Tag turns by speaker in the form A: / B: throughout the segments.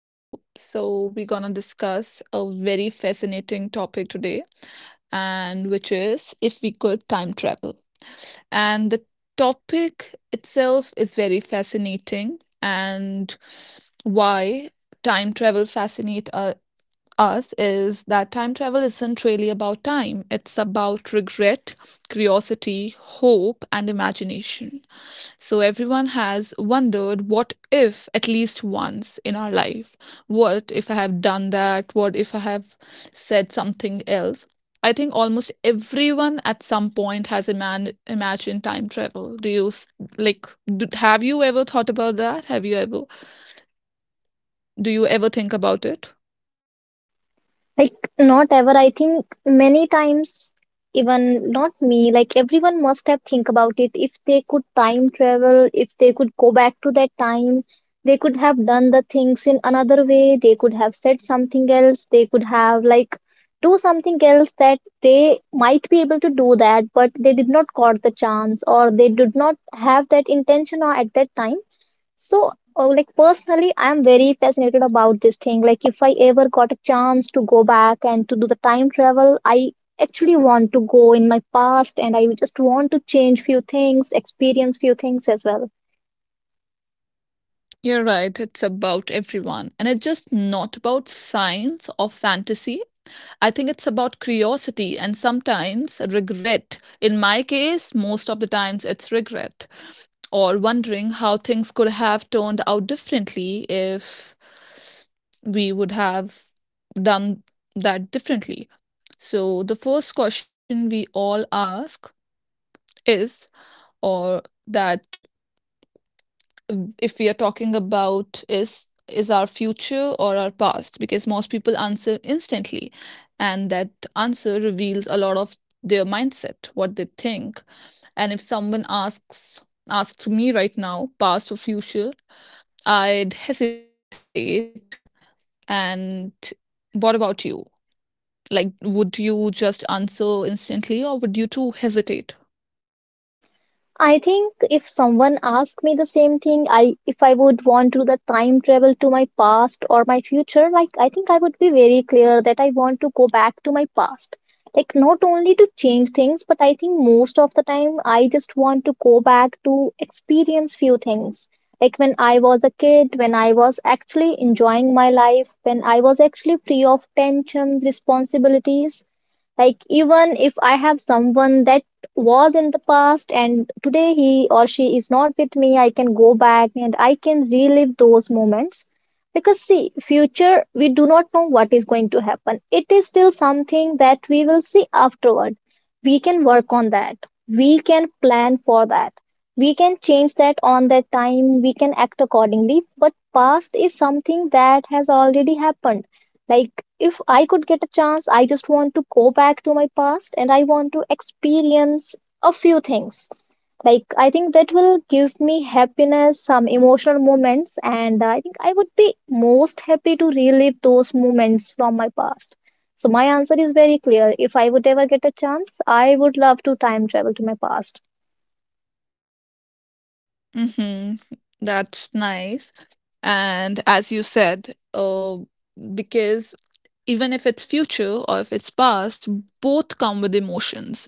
A: Hello. So, we're going to discuss a very fascinating topic today, and which is if we could time travel. And the topic itself is very fascinating and why time travel fascinate us is that time travel isn't really about time. It's about regret, curiosity, hope, and imagination. So everyone has wondered what if at least once in our life. What if I have done that? What if I have said something else? I think almost everyone at some point has imagined time travel. Do you like? D Have you ever thought about that? Have you ever Do you ever think about it?
B: Like, not ever. I think many times, even not me, like everyone must have think about it. If they could time travel, if they could go back to that time, they could have done the things in another way. They could have said something else. They could have like do something else that they might be able to do that, but they did not got the chance or they did not have that intention or at that time so, like personally, I'm very fascinated about this thing. Like, if I ever got a chance to go back and to do the time travel, I actually want to go in my past and I just want to change few things, experience few things as well.
A: You're right, it's about everyone. And it's just not about science or fantasy. I think it's about curiosity and sometimes regret. In my case, most of the times it's regret or wondering how things could have turned out differently if we would have done that differently. So, the first question we all ask is or that if we are talking about is our future or our past, because most people answer instantly, and that answer reveals a lot of their mindset, what they think. And if someone asks asked me right now, past or future, I'd hesitate. And what about you? Like, would you just answer instantly, or would you too hesitate?
B: I think if someone asked me the same thing, I if I would want to the time travel to my past or my future, like I think I would be very clear that I want to go back to my past. Like not only to change things, but I think most of the time I just want to go back to experience few things. Like when I was a kid, when I was actually enjoying my life, when I was actually free of tensions, responsibilities like, even if I have someone that was in the past and today he or she is not with me, I can go back and I can relive those moments. Because, see, future, we do not know what is going to happen. It is still something that we will see afterward. We can work on that. We can plan for that. We can change that on that time. We can act accordingly. But past is something that has already happened like, if I could get a chance, I just want to go back to my past and I want to experience a few things. Like, I think that will give me happiness, some emotional moments, and I think I would be most happy to relive those moments from my past. So, my answer is very clear. If I would ever get a chance, I would love to time travel to my past.
A: Mm-hmm. That's nice. And as you said, because even if it's future or if it's past, both come with emotions,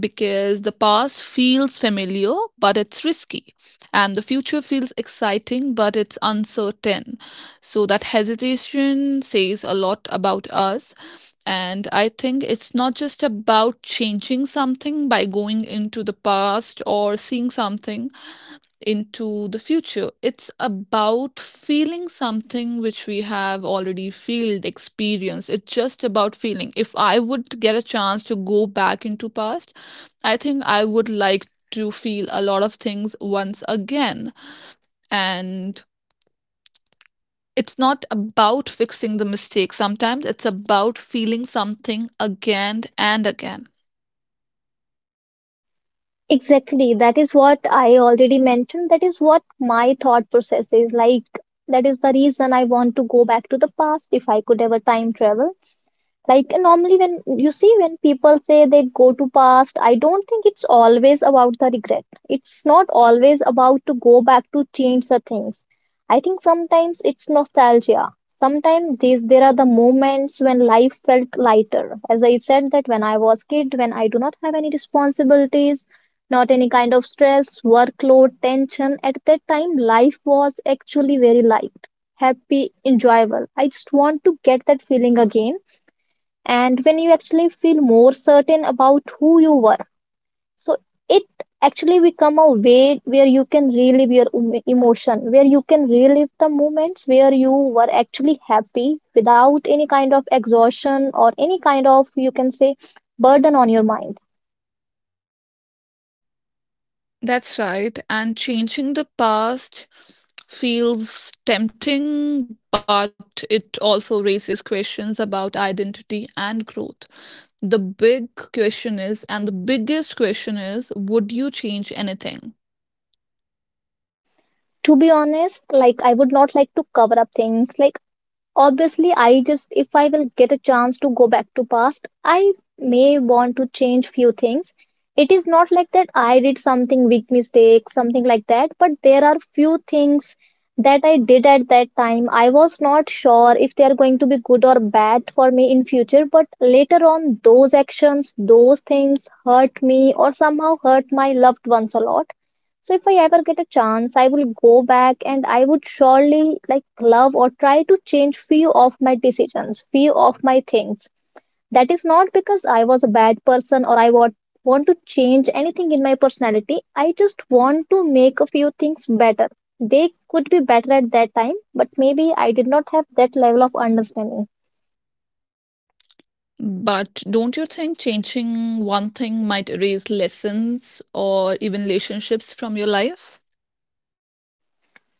A: because the past feels familiar but it's risky, and the future feels exciting but it's uncertain. So, that hesitation says a lot about us, and I think it's not just about changing something by going into the past, or seeing something, into the future. It's about feeling something which we have already felt, experienced. It's just about feeling. If I would get a chance to go back into past, I think I would like to feel a lot of things once again. And it's not about fixing the mistake sometimes, it's about feeling something again and again.
B: Exactly. That is what I already mentioned. That is what my thought process is like. That is the reason I want to go back to the past if I could ever time travel, like normally, when you see, when people say they go to past, I don't think it's always about the regret. It's not always about to go back to change the things. I think sometimes it's nostalgia. Sometimes these there are the moments when life felt lighter. As I said, that when I was kid, when I do not have any responsibilities, not any kind of stress, workload, tension, at that time life was actually very light, happy, enjoyable. I just want to get that feeling again, and when you actually feel more certain about who you were. So it actually become a way where you can relive your emotion, where you can relive the moments where you were actually happy without any kind of exhaustion or any kind of, you can say, burden on your mind.
A: That's right. And changing the past feels tempting, but it also raises questions about identity and growth. The big question is, and the biggest question is, would you change anything?
B: To be honest, like, I would not like to cover up things. Like, obviously, I just if I will get a chance to go back to past, I may want to change few things. It is not like that I did something big mistake, something like that, but there are few things that I did at that time. I was not sure if they are going to be good or bad for me in future, but later on those actions, those things hurt me or somehow hurt my loved ones a lot, so if I ever get a chance, I will go back and I would surely like love or try to change few of my decisions, few of my things. That is not because I was a bad person or I want to change anything in my personality. I just want to make a few things better. They could be better at that time, but maybe I did not have that level of understanding.
A: But don't you think changing one thing might erase lessons or even relationships from your life?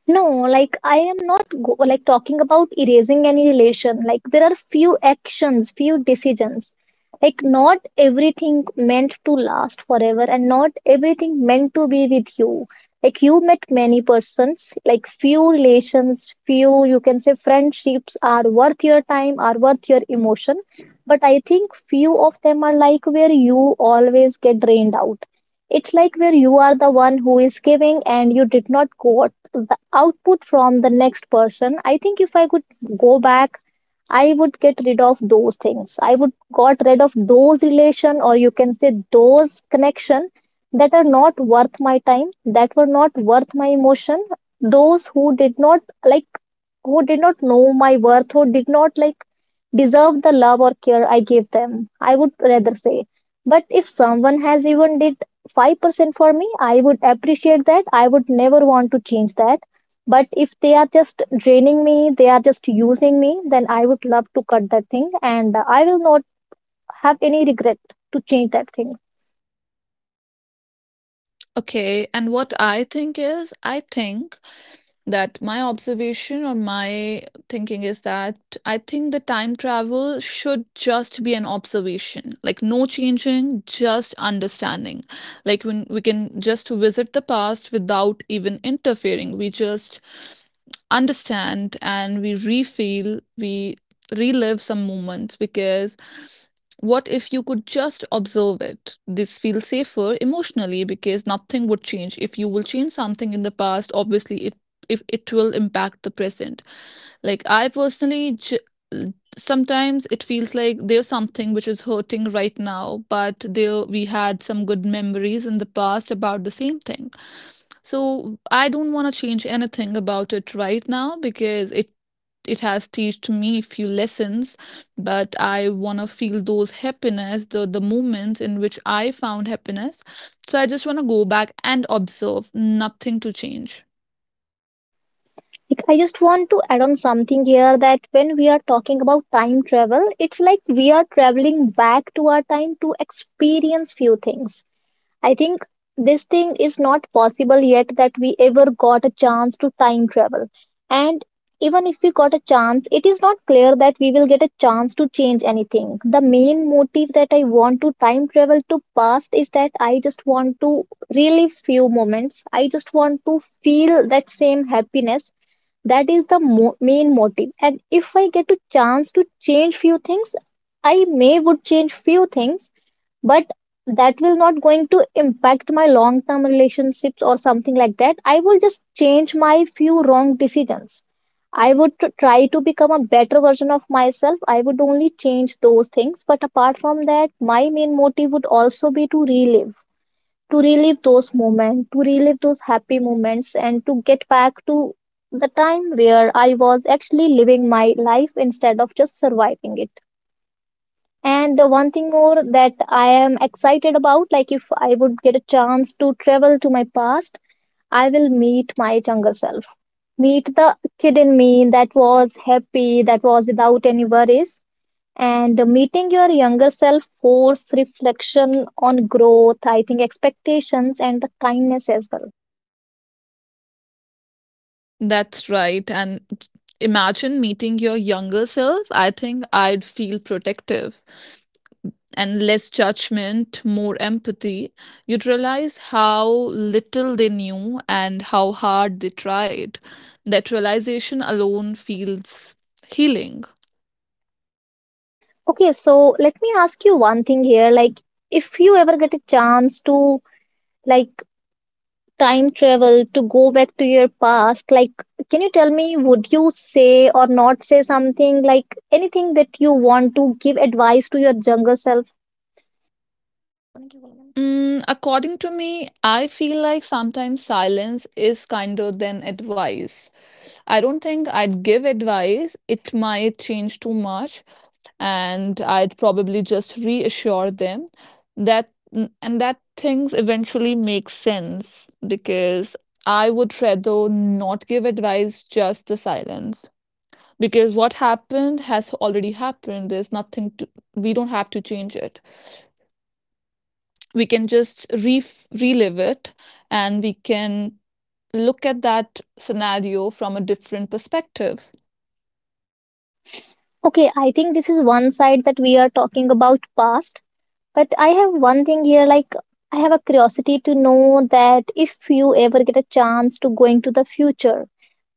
B: No, like I am not like talking about erasing any relation. Like there are few actions, few decisions. Like not everything meant to last forever and not everything meant to be with you. Like you met many persons, like few relations, few, you can say, friendships are worth your time, are worth your emotion. But I think few of them are like where you always get drained out. It's like where you are the one who is giving and you did not got the output from the next person. I think if I could go back, I would get rid of those things. I would got rid of those relation or, you can say, those connection that are not worth my time, that were not worth my emotion. Those who did not like, who did not know my worth, who did not like deserve the love or care I gave them, I would rather say. But if someone has even did 5% for me, I would appreciate that. I would never want to change that. But if they are just draining me, they are just using me, then I would love to cut that thing and I will not have any regret to change that thing.
A: Okay, and what I think is, I think that my observation or my thinking is that I think the time travel should just be an observation, like no changing, just understanding. Like, when we can just visit the past without even interfering, we just understand and we refeel, we relive some moments, because what if you could just observe it? This feels safer emotionally because nothing would change. If you will change something in the past, obviously it if it will impact the present. Like, I personally sometimes it feels like there's something which is hurting right now, but there we had some good memories in the past about the same thing. So I don't want to change anything about it right now, because it has taught me few lessons, but I want to feel those happiness, the moments in which I found happiness. So I just want to go back and observe, nothing to change.
B: Like, I just want to add on something here that when we are talking about time travel, it's like we are traveling back to our time to experience few things. I think this thing is not possible yet that we ever got a chance to time travel. And even if we got a chance, it is not clear that we will get a chance to change anything. The main motive that I want to time travel to past is that I just want to relive few moments. I just want to feel that same happiness. That is the main motive. And if I get a chance to change few things, I may would change few things, but that will not going to impact my long term relationships or something like that. I will just change my few wrong decisions. I would try to become a better version of myself. I would only change those things, but apart from that my main motive would also be to relive those moments, to relive those happy moments, and to get back to the time where I was actually living my life instead of just surviving it. And the one thing more that I am excited about, like if I would get a chance to travel to my past, I will meet my younger self. Meet the kid in me that was happy, that was without any worries. And meeting your younger self force reflection on growth, I think, expectations and the kindness as well.
A: That's right. And imagine meeting your younger self, I think I'd feel protective, and less judgment, more empathy. You'd realize how little they knew and how hard they tried. That realization alone feels healing.
B: Okay, so let me ask you one thing here. Like, if you ever get a chance to, like, time travel to go back to your past, like, can you tell me, would you say or not say something, like anything that you want to give advice to your younger self?
A: According to me, I feel like sometimes silence is kinder than advice. I don't think I'd give advice. It might change too much, and I'd probably just reassure them and that things eventually make sense, because I would rather not give advice, just the silence. Because what happened has already happened. There's nothing to, we don't have to change it. We can just re relive it, and we can look at that scenario from a different perspective.
B: Okay, I think this is one side that we are talking about past, but I have one thing here. Like, I have a curiosity to know that if you ever get a chance to going to the future,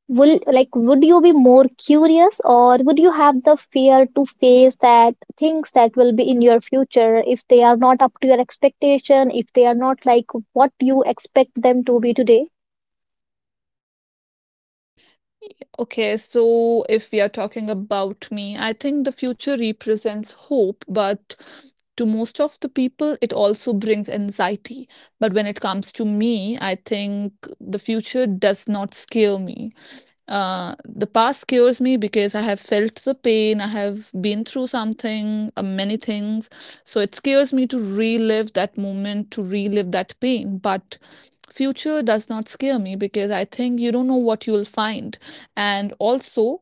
B: will, like, would you be more curious or would you have the fear to face that things that will be in your future if they are not up to your expectation, if they are not like what you expect them to be today?
A: Okay, so if we are talking about me, I think the future represents hope, but to most of the people, it also brings anxiety. But when it comes to me, I think the future does not scare me. The past scares me because I have felt the pain, I have been through something, many things. So it scares me to relive that moment, to relive that pain. But future does not scare me because I think you don't know what you'll find. And also,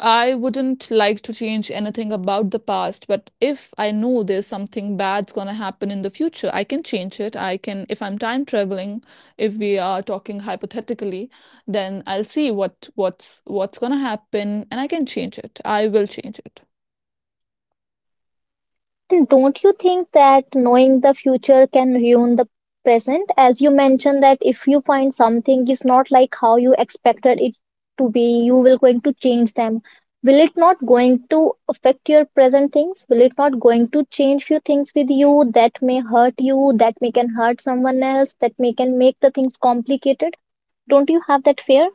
A: I wouldn't like to change anything about the past, but if I know there's something bad's gonna happen in the future, I can change it. If I'm time traveling, if we are talking hypothetically, then I'll see what's gonna happen, and I can change it. I will change it.
B: And don't you think that knowing the future can ruin the present? As you mentioned that if you find something is not like how you expected it to be, you will going to change them. Will it not going to affect your present things? Will it not going to change few things with you that may hurt you, that may can hurt someone else, that may can make the things complicated? Don't you have that fear?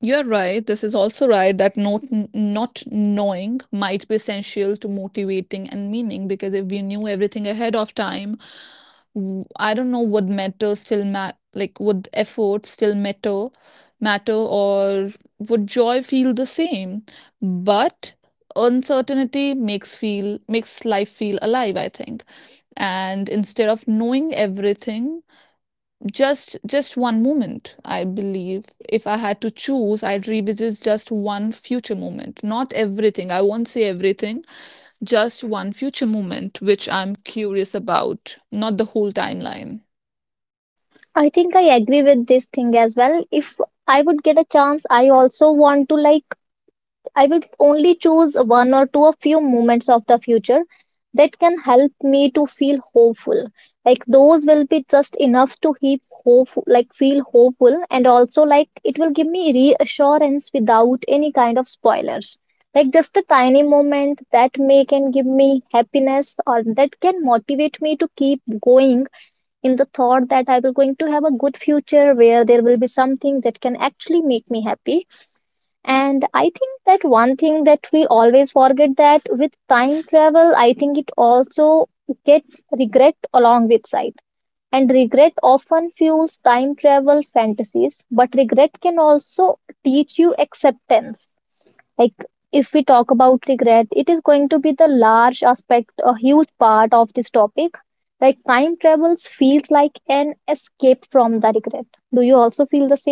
A: You're right. This is also right that not knowing might be essential to motivating and meaning, because if we knew everything ahead of time, I don't know, would matter still ma like, would effort still matter, or would joy feel the same? But uncertainty makes life feel alive, I think. And instead of knowing everything, just one moment, I believe, if I had to choose, I'd revisit just one future moment, not everything, I won't say everything, just one future moment which I'm curious about, not the whole timeline.
B: I think I agree with this thing as well. If I would get a chance, I also want to, like, I will only choose one or two, a few moments of the future that can help me to feel hopeful. Like those will be just enough to keep hope, like feel hopeful, and also like it will give me reassurance without any kind of spoilers. Like just a tiny moment that may can give me happiness or that can motivate me to keep going in the thought that I will going to have a good future where there will be something that can actually make me happy. And I think that one thing that we always forget that with time travel, I think it also gets regret along with sight. And regret often fuels time travel fantasies, but regret can also teach you acceptance. Like, if we talk about regret, it is going to be the large aspect, a huge part of this topic. Like time travels feels like an escape from the regret. Do you also feel the same?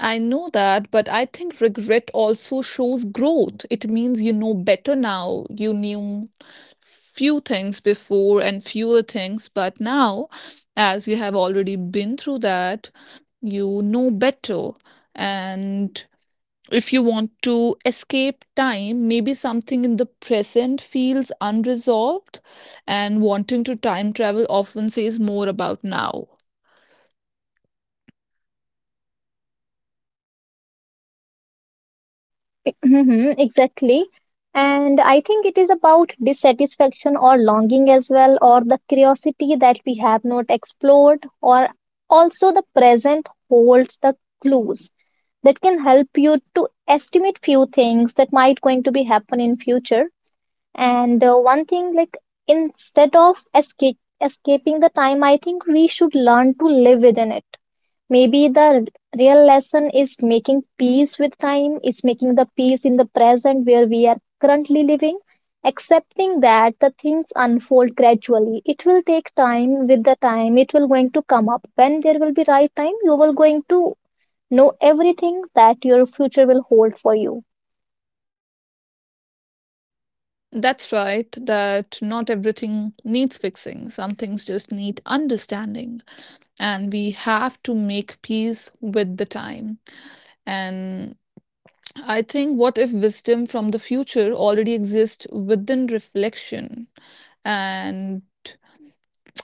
A: I know that, but I think regret also shows growth. It means you know better now. You knew few things before and fewer things, but now, as you have already been through that, you know better. And if you want to escape time, maybe something in the present feels unresolved, and wanting to time travel often says more about now.
B: Hmm, exactly. And I think it is about dissatisfaction or longing as well, or the curiosity that we have not explored, or also the present holds the clues that can help you to estimate few things that might going to be happen in future. And one thing, like instead of escape escaping the time, I think we should learn to live within it. Maybe the real lesson is making peace with time, is making the peace in the present where we are currently living, accepting that the things unfold gradually. It will take time. With the time, it will going to come up. When there will be right time, you will going to know everything that your future will hold for you.
A: That's right, that not everything needs fixing. Some things just need understanding, and we have to make peace with the time. And I think, what if wisdom from the future already exists within reflection? And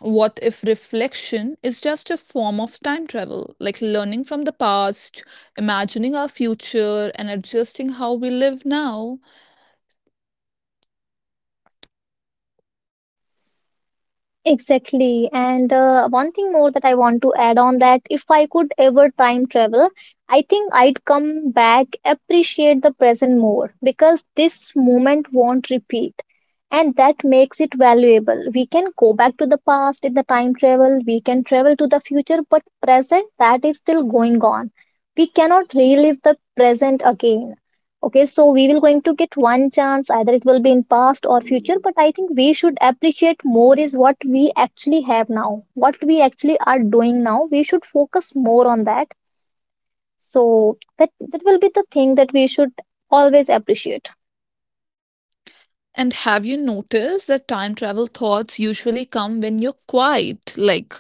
A: what if reflection is just a form of time travel, like learning from the past, imagining our future, and adjusting how we live now?
B: Exactly. And one thing more that I want to add on that, if I could ever time travel, I think I'd come back, appreciate the present more because this moment won't repeat. And that makes it valuable. We can go back to the past in the time travel, we can travel to the future, but present, that is still going on. We cannot relive the present again. Okay, so we will going to get one chance, either it will be in past or future, but I think we should appreciate more is what we actually have now, what we actually are doing now. We should focus more on that. So that will be the thing that we should always appreciate.
A: And have you noticed that time travel thoughts usually come when you're quiet, like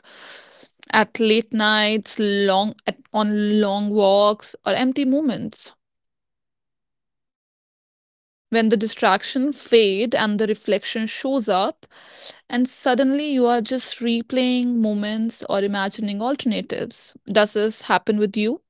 A: at late nights, on long walks, or empty moments? When the distraction fade and the reflection shows up, and suddenly you are just replaying moments or imagining alternatives. Does this happen with you?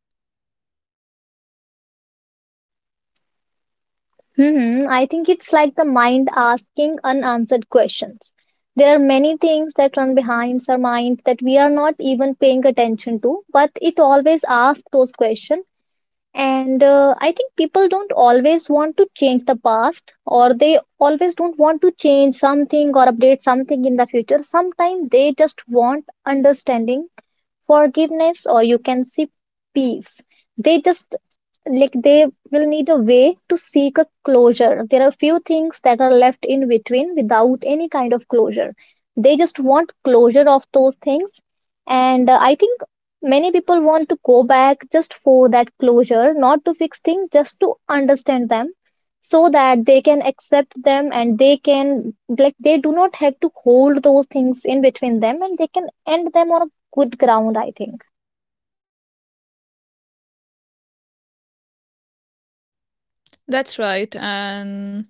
B: Hmm, I think it's like the mind asking unanswered questions. There are many things that run behind our mind that we are not even paying attention to, but it always asks those questions. And uh, i think people don't always want to change the past, or they always don't want to change something or update something in the future. Sometimes they just want understanding, forgiveness, or you can see peace. They just, like, they will need a way to seek a closure. There are few things that are left in between without any kind of closure. They just want closure of those things. And uh, i think many people want to go back just for that closure, not to fix things, just to understand them, so that they can accept them, and they can, like, they do not have to hold those things in between them, and they can end them on a good ground, I think.
A: That's right, and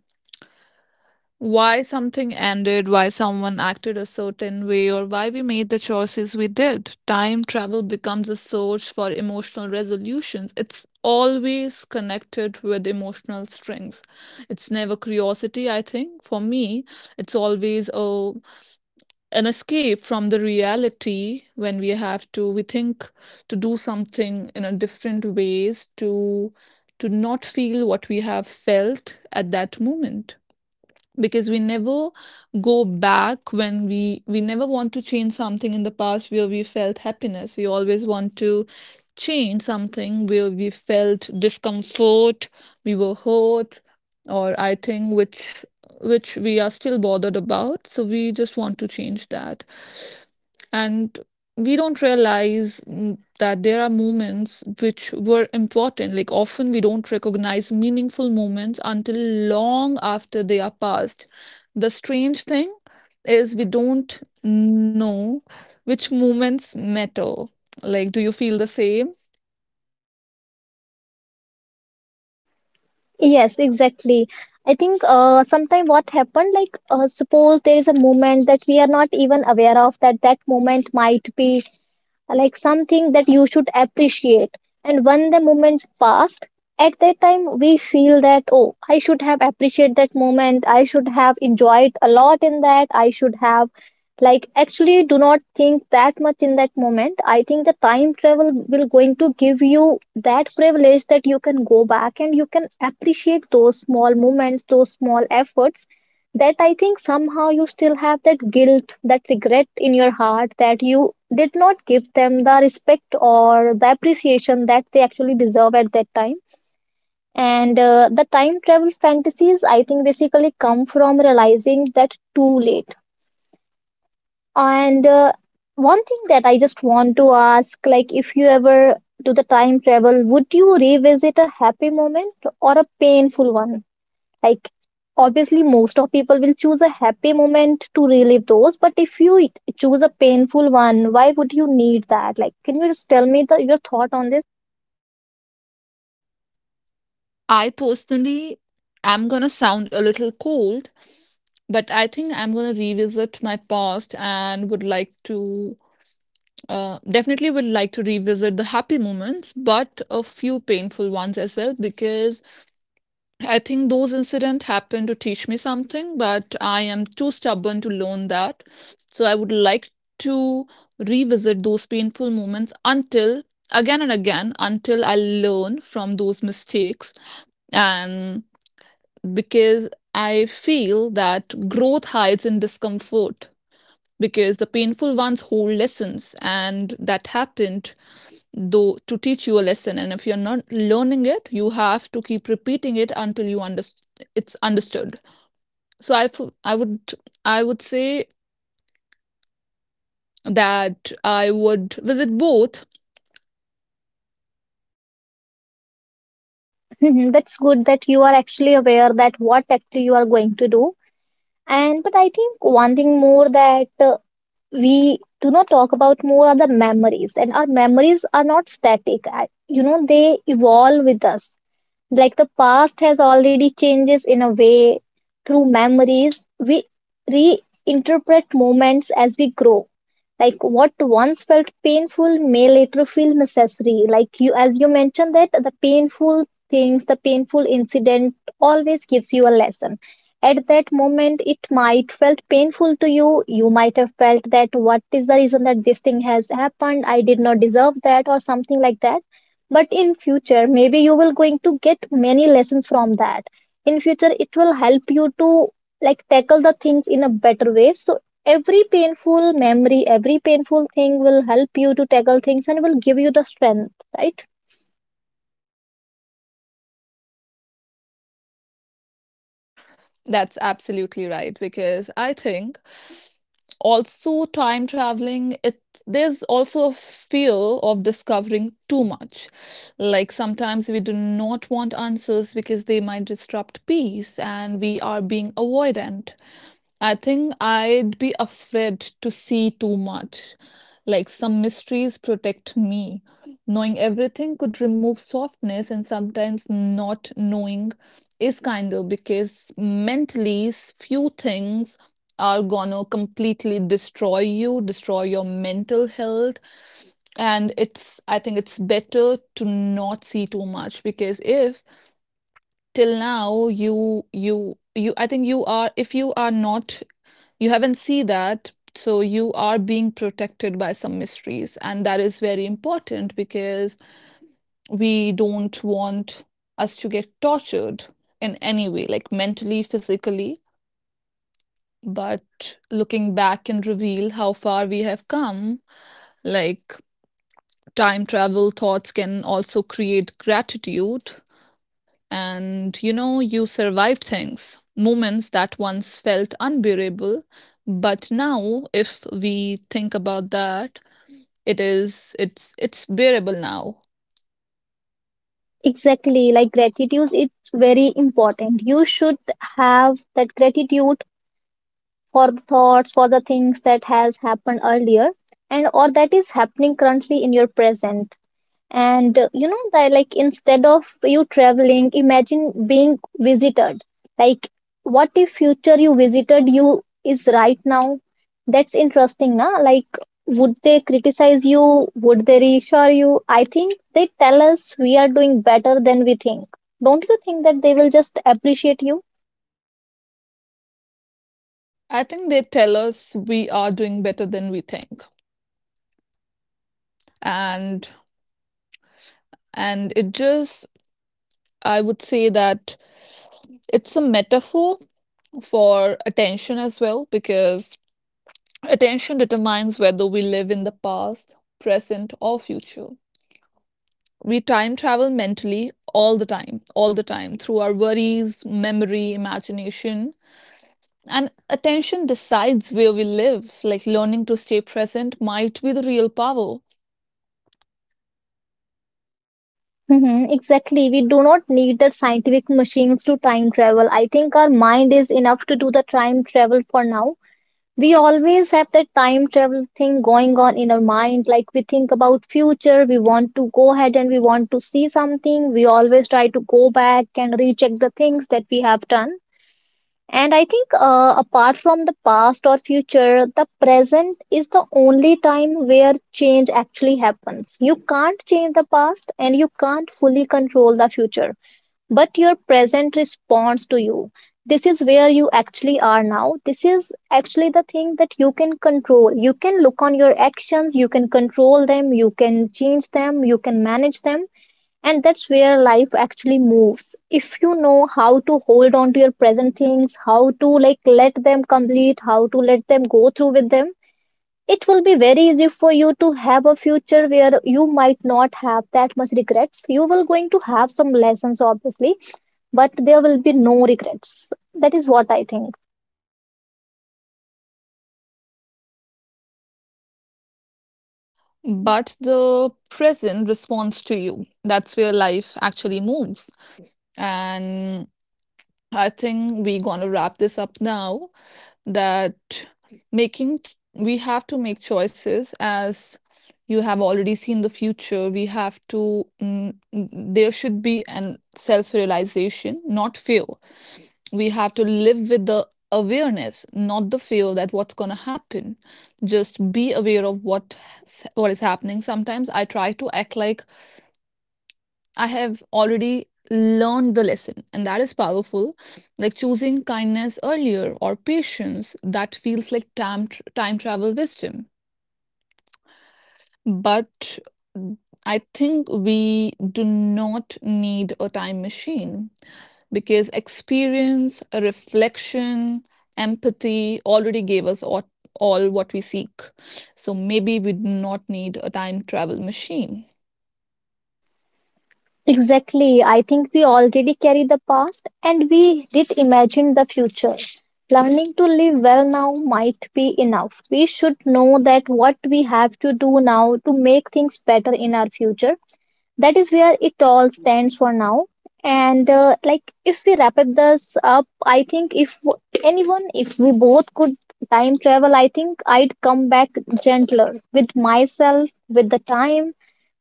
A: why something ended, why someone acted a certain way, or why we made the choices we did. Time travel becomes a source for emotional resolutions. It's always connected with emotional strings. It's never curiosity, I think. For me, it's always an escape from the reality, when we think to do something in a different ways, to not feel what we have felt at that moment. Because we never go back, when we never want to change something in the past where we felt happiness. We always want to change something where we felt discomfort, we were hurt, or I think which we are still bothered about, so we just want to change that. And we don't realize, that there are moments which were important. Like, often we don't recognize meaningful moments until long after they are past. The strange thing is we don't know which moments matter. Like, do you feel the same?
B: Yes, exactly. I think, sometime what happened, like, suppose there is a moment that we are not even aware of, that that moment might be like something that you should appreciate. And when the moment passed, at that time we feel that, oh, I should have appreciated that moment, I should have enjoyed a lot in that, I should have, like, actually do not think that much in that moment. I think the time travel will going to give you that privilege that you can go back and you can appreciate those small moments, those small efforts, that, I think, somehow you still have that guilt, that regret in your heart that you did not give them the respect or the appreciation that they actually deserve at that time. And the time travel fantasies, I think, basically come from realizing that too late. And one thing that I just want to ask, like, if you ever do the time travel, would you revisit a happy moment or a painful one? Like, obviously, most of people will choose a happy moment to relive those, but if you choose a painful one, why would you need that? Like, can you just tell me the, your thought on this?
A: I personally am going to sound a little cold, but I think I'm going to revisit my past, and would like to definitely would like to revisit the happy moments, but a few painful ones as well, because I think those incidents happened to teach me something, but I am too stubborn to learn that. So I would like to revisit those painful moments, until again and again, until I learn from those mistakes. And because I feel that growth hides in discomfort, because the painful ones hold lessons, and that happened though to teach you a lesson, and if you're not learning it you have to keep repeating it until you understand, it's understood. So I would say that I would visit both.
B: Mhm. That's good that you are actually aware that what actually you are going to do. And, but I think one thing more that, we do not talk about more are the memories, and our memories are not static. You know, they evolve with us. Like, the past has already changes in a way. Through memories we reinterpret moments as we grow. Like what once felt painful may later feel necessary. Like you, as you mentioned, that the painful things, the painful incident, always gives you a lesson. At that moment it might felt painful to you, you might have felt that what is the reason that this thing has happened, I did not deserve that, or something like that. But in future, maybe you will going to get many lessons from that. In future it will help you to, like, tackle the things in a better way. So every painful memory, every painful thing will help you to tackle things and will give you the strength, right?
A: That's absolutely right, because I think also time traveling, it there's also a fear of discovering too much. Like, sometimes we do not want answers because they might disrupt peace, and we are being avoidant. I think I'd be afraid to see too much. Like, some mysteries protect me. Knowing everything could remove softness, and sometimes not knowing is kinder, because few things are gonna completely destroy you, destroy your mental health. I think it's better to not see too much, because if till now you, I think you are, if you are not, you haven't seen that, so you are being protected by some mysteries. And that is very important, because we don't want us to get tortured in any way, like mentally, physically. But looking back can reveal how far we have come. Like, time travel thoughts can also create gratitude. And you survived things, moments that once felt unbearable. But now, if we think about that, it is it's bearable now.
B: Exactly. Like gratitude, it's very important. You should have that gratitude for the thoughts, for the things that has happened earlier and or that is happening currently in your present. And you know that, like, instead of you traveling, imagine being visited. Like, what if future you visited you is right now? That's interesting, na. Like, would they criticize you, would they reassure you? I think they tell us we are doing better than we think. Don't you think that they will just appreciate you?
A: I think they tell us we are doing better than we think. And and it just I would say that it's a metaphor for attention as well, because attention determines whether we live in the past, present, or future. We time travel mentally all the time, through our worries, memory, imagination. And attention decides where we live. Like, learning to stay present might be the real power,
B: Hmm, exactly. We do not need the scientific machines to time travel. I think our mind is enough to do the time travel for now. We always have that time travel thing going on in our mind. Like we think about future, we want to go ahead and we want to see something. We always try to go back and recheck the things that we have done. And I think, apart from the past or future, the present is the only time where change actually happens. You can't change the past and you can't fully control the future, but your present responds to you. This is where you actually are now. This is actually the thing that you can control. You can look on your actions, you can control them, you can change them, you can manage them. And that's where life actually moves. If you know how to hold on to your present things, how to, like, let them complete, how to let them go through with them, it will be very easy for you to have a future where you might not have that much regrets. You will going to have some lessons, obviously, but there will be no regrets. That is what I think.
A: but the present responds to you. That's where life actually moves. And I think we're going to wrap this up now. that we have to make choices, as you have already seen the future. We have to mm, mm, There should be an self realization, not fear. We have to live with the awareness, not the fear that what's going to happen. Just be aware of what is happening. Sometimes I try to act like I have already learned the lesson, and that is powerful. Like choosing kindness earlier or patience, that feels like time travel wisdom. But I think we do not need a time machine, because experience, reflection, empathy already gave us all what we seek. So maybe we do not need a time travel machine.
B: Exactly. I think we already carry the past and we did imagine the future. Learning to live well now might be enough. We should know that what we have to do now to make things better in our future. That is where it all stands for now. And like, if we wrap up this up, I think if anyone, if we both could time travel, I think I'd come back gentler with myself, with the time,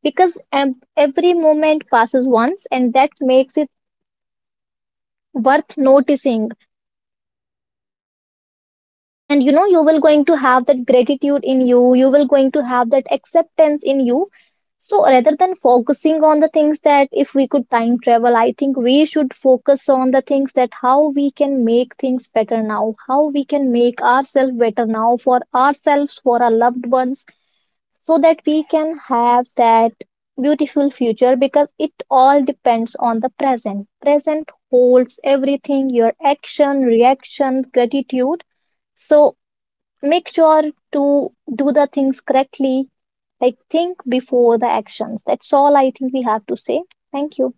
B: because every moment passes once, and that makes it worth noticing. And you know, you will going to have that gratitude in you, you will going to have that acceptance in you. So rather than focusing on the things that if we could time travel, I think we should focus on the things that how we can make things better now, how we can make ourselves better now, for ourselves, for our loved ones, so that we can have that beautiful future, because it all depends on the present. Present holds everything, your action, reaction, gratitude. So make sure to do the things correctly. Like, think before the actions. That's all I think we have to say. Thank you.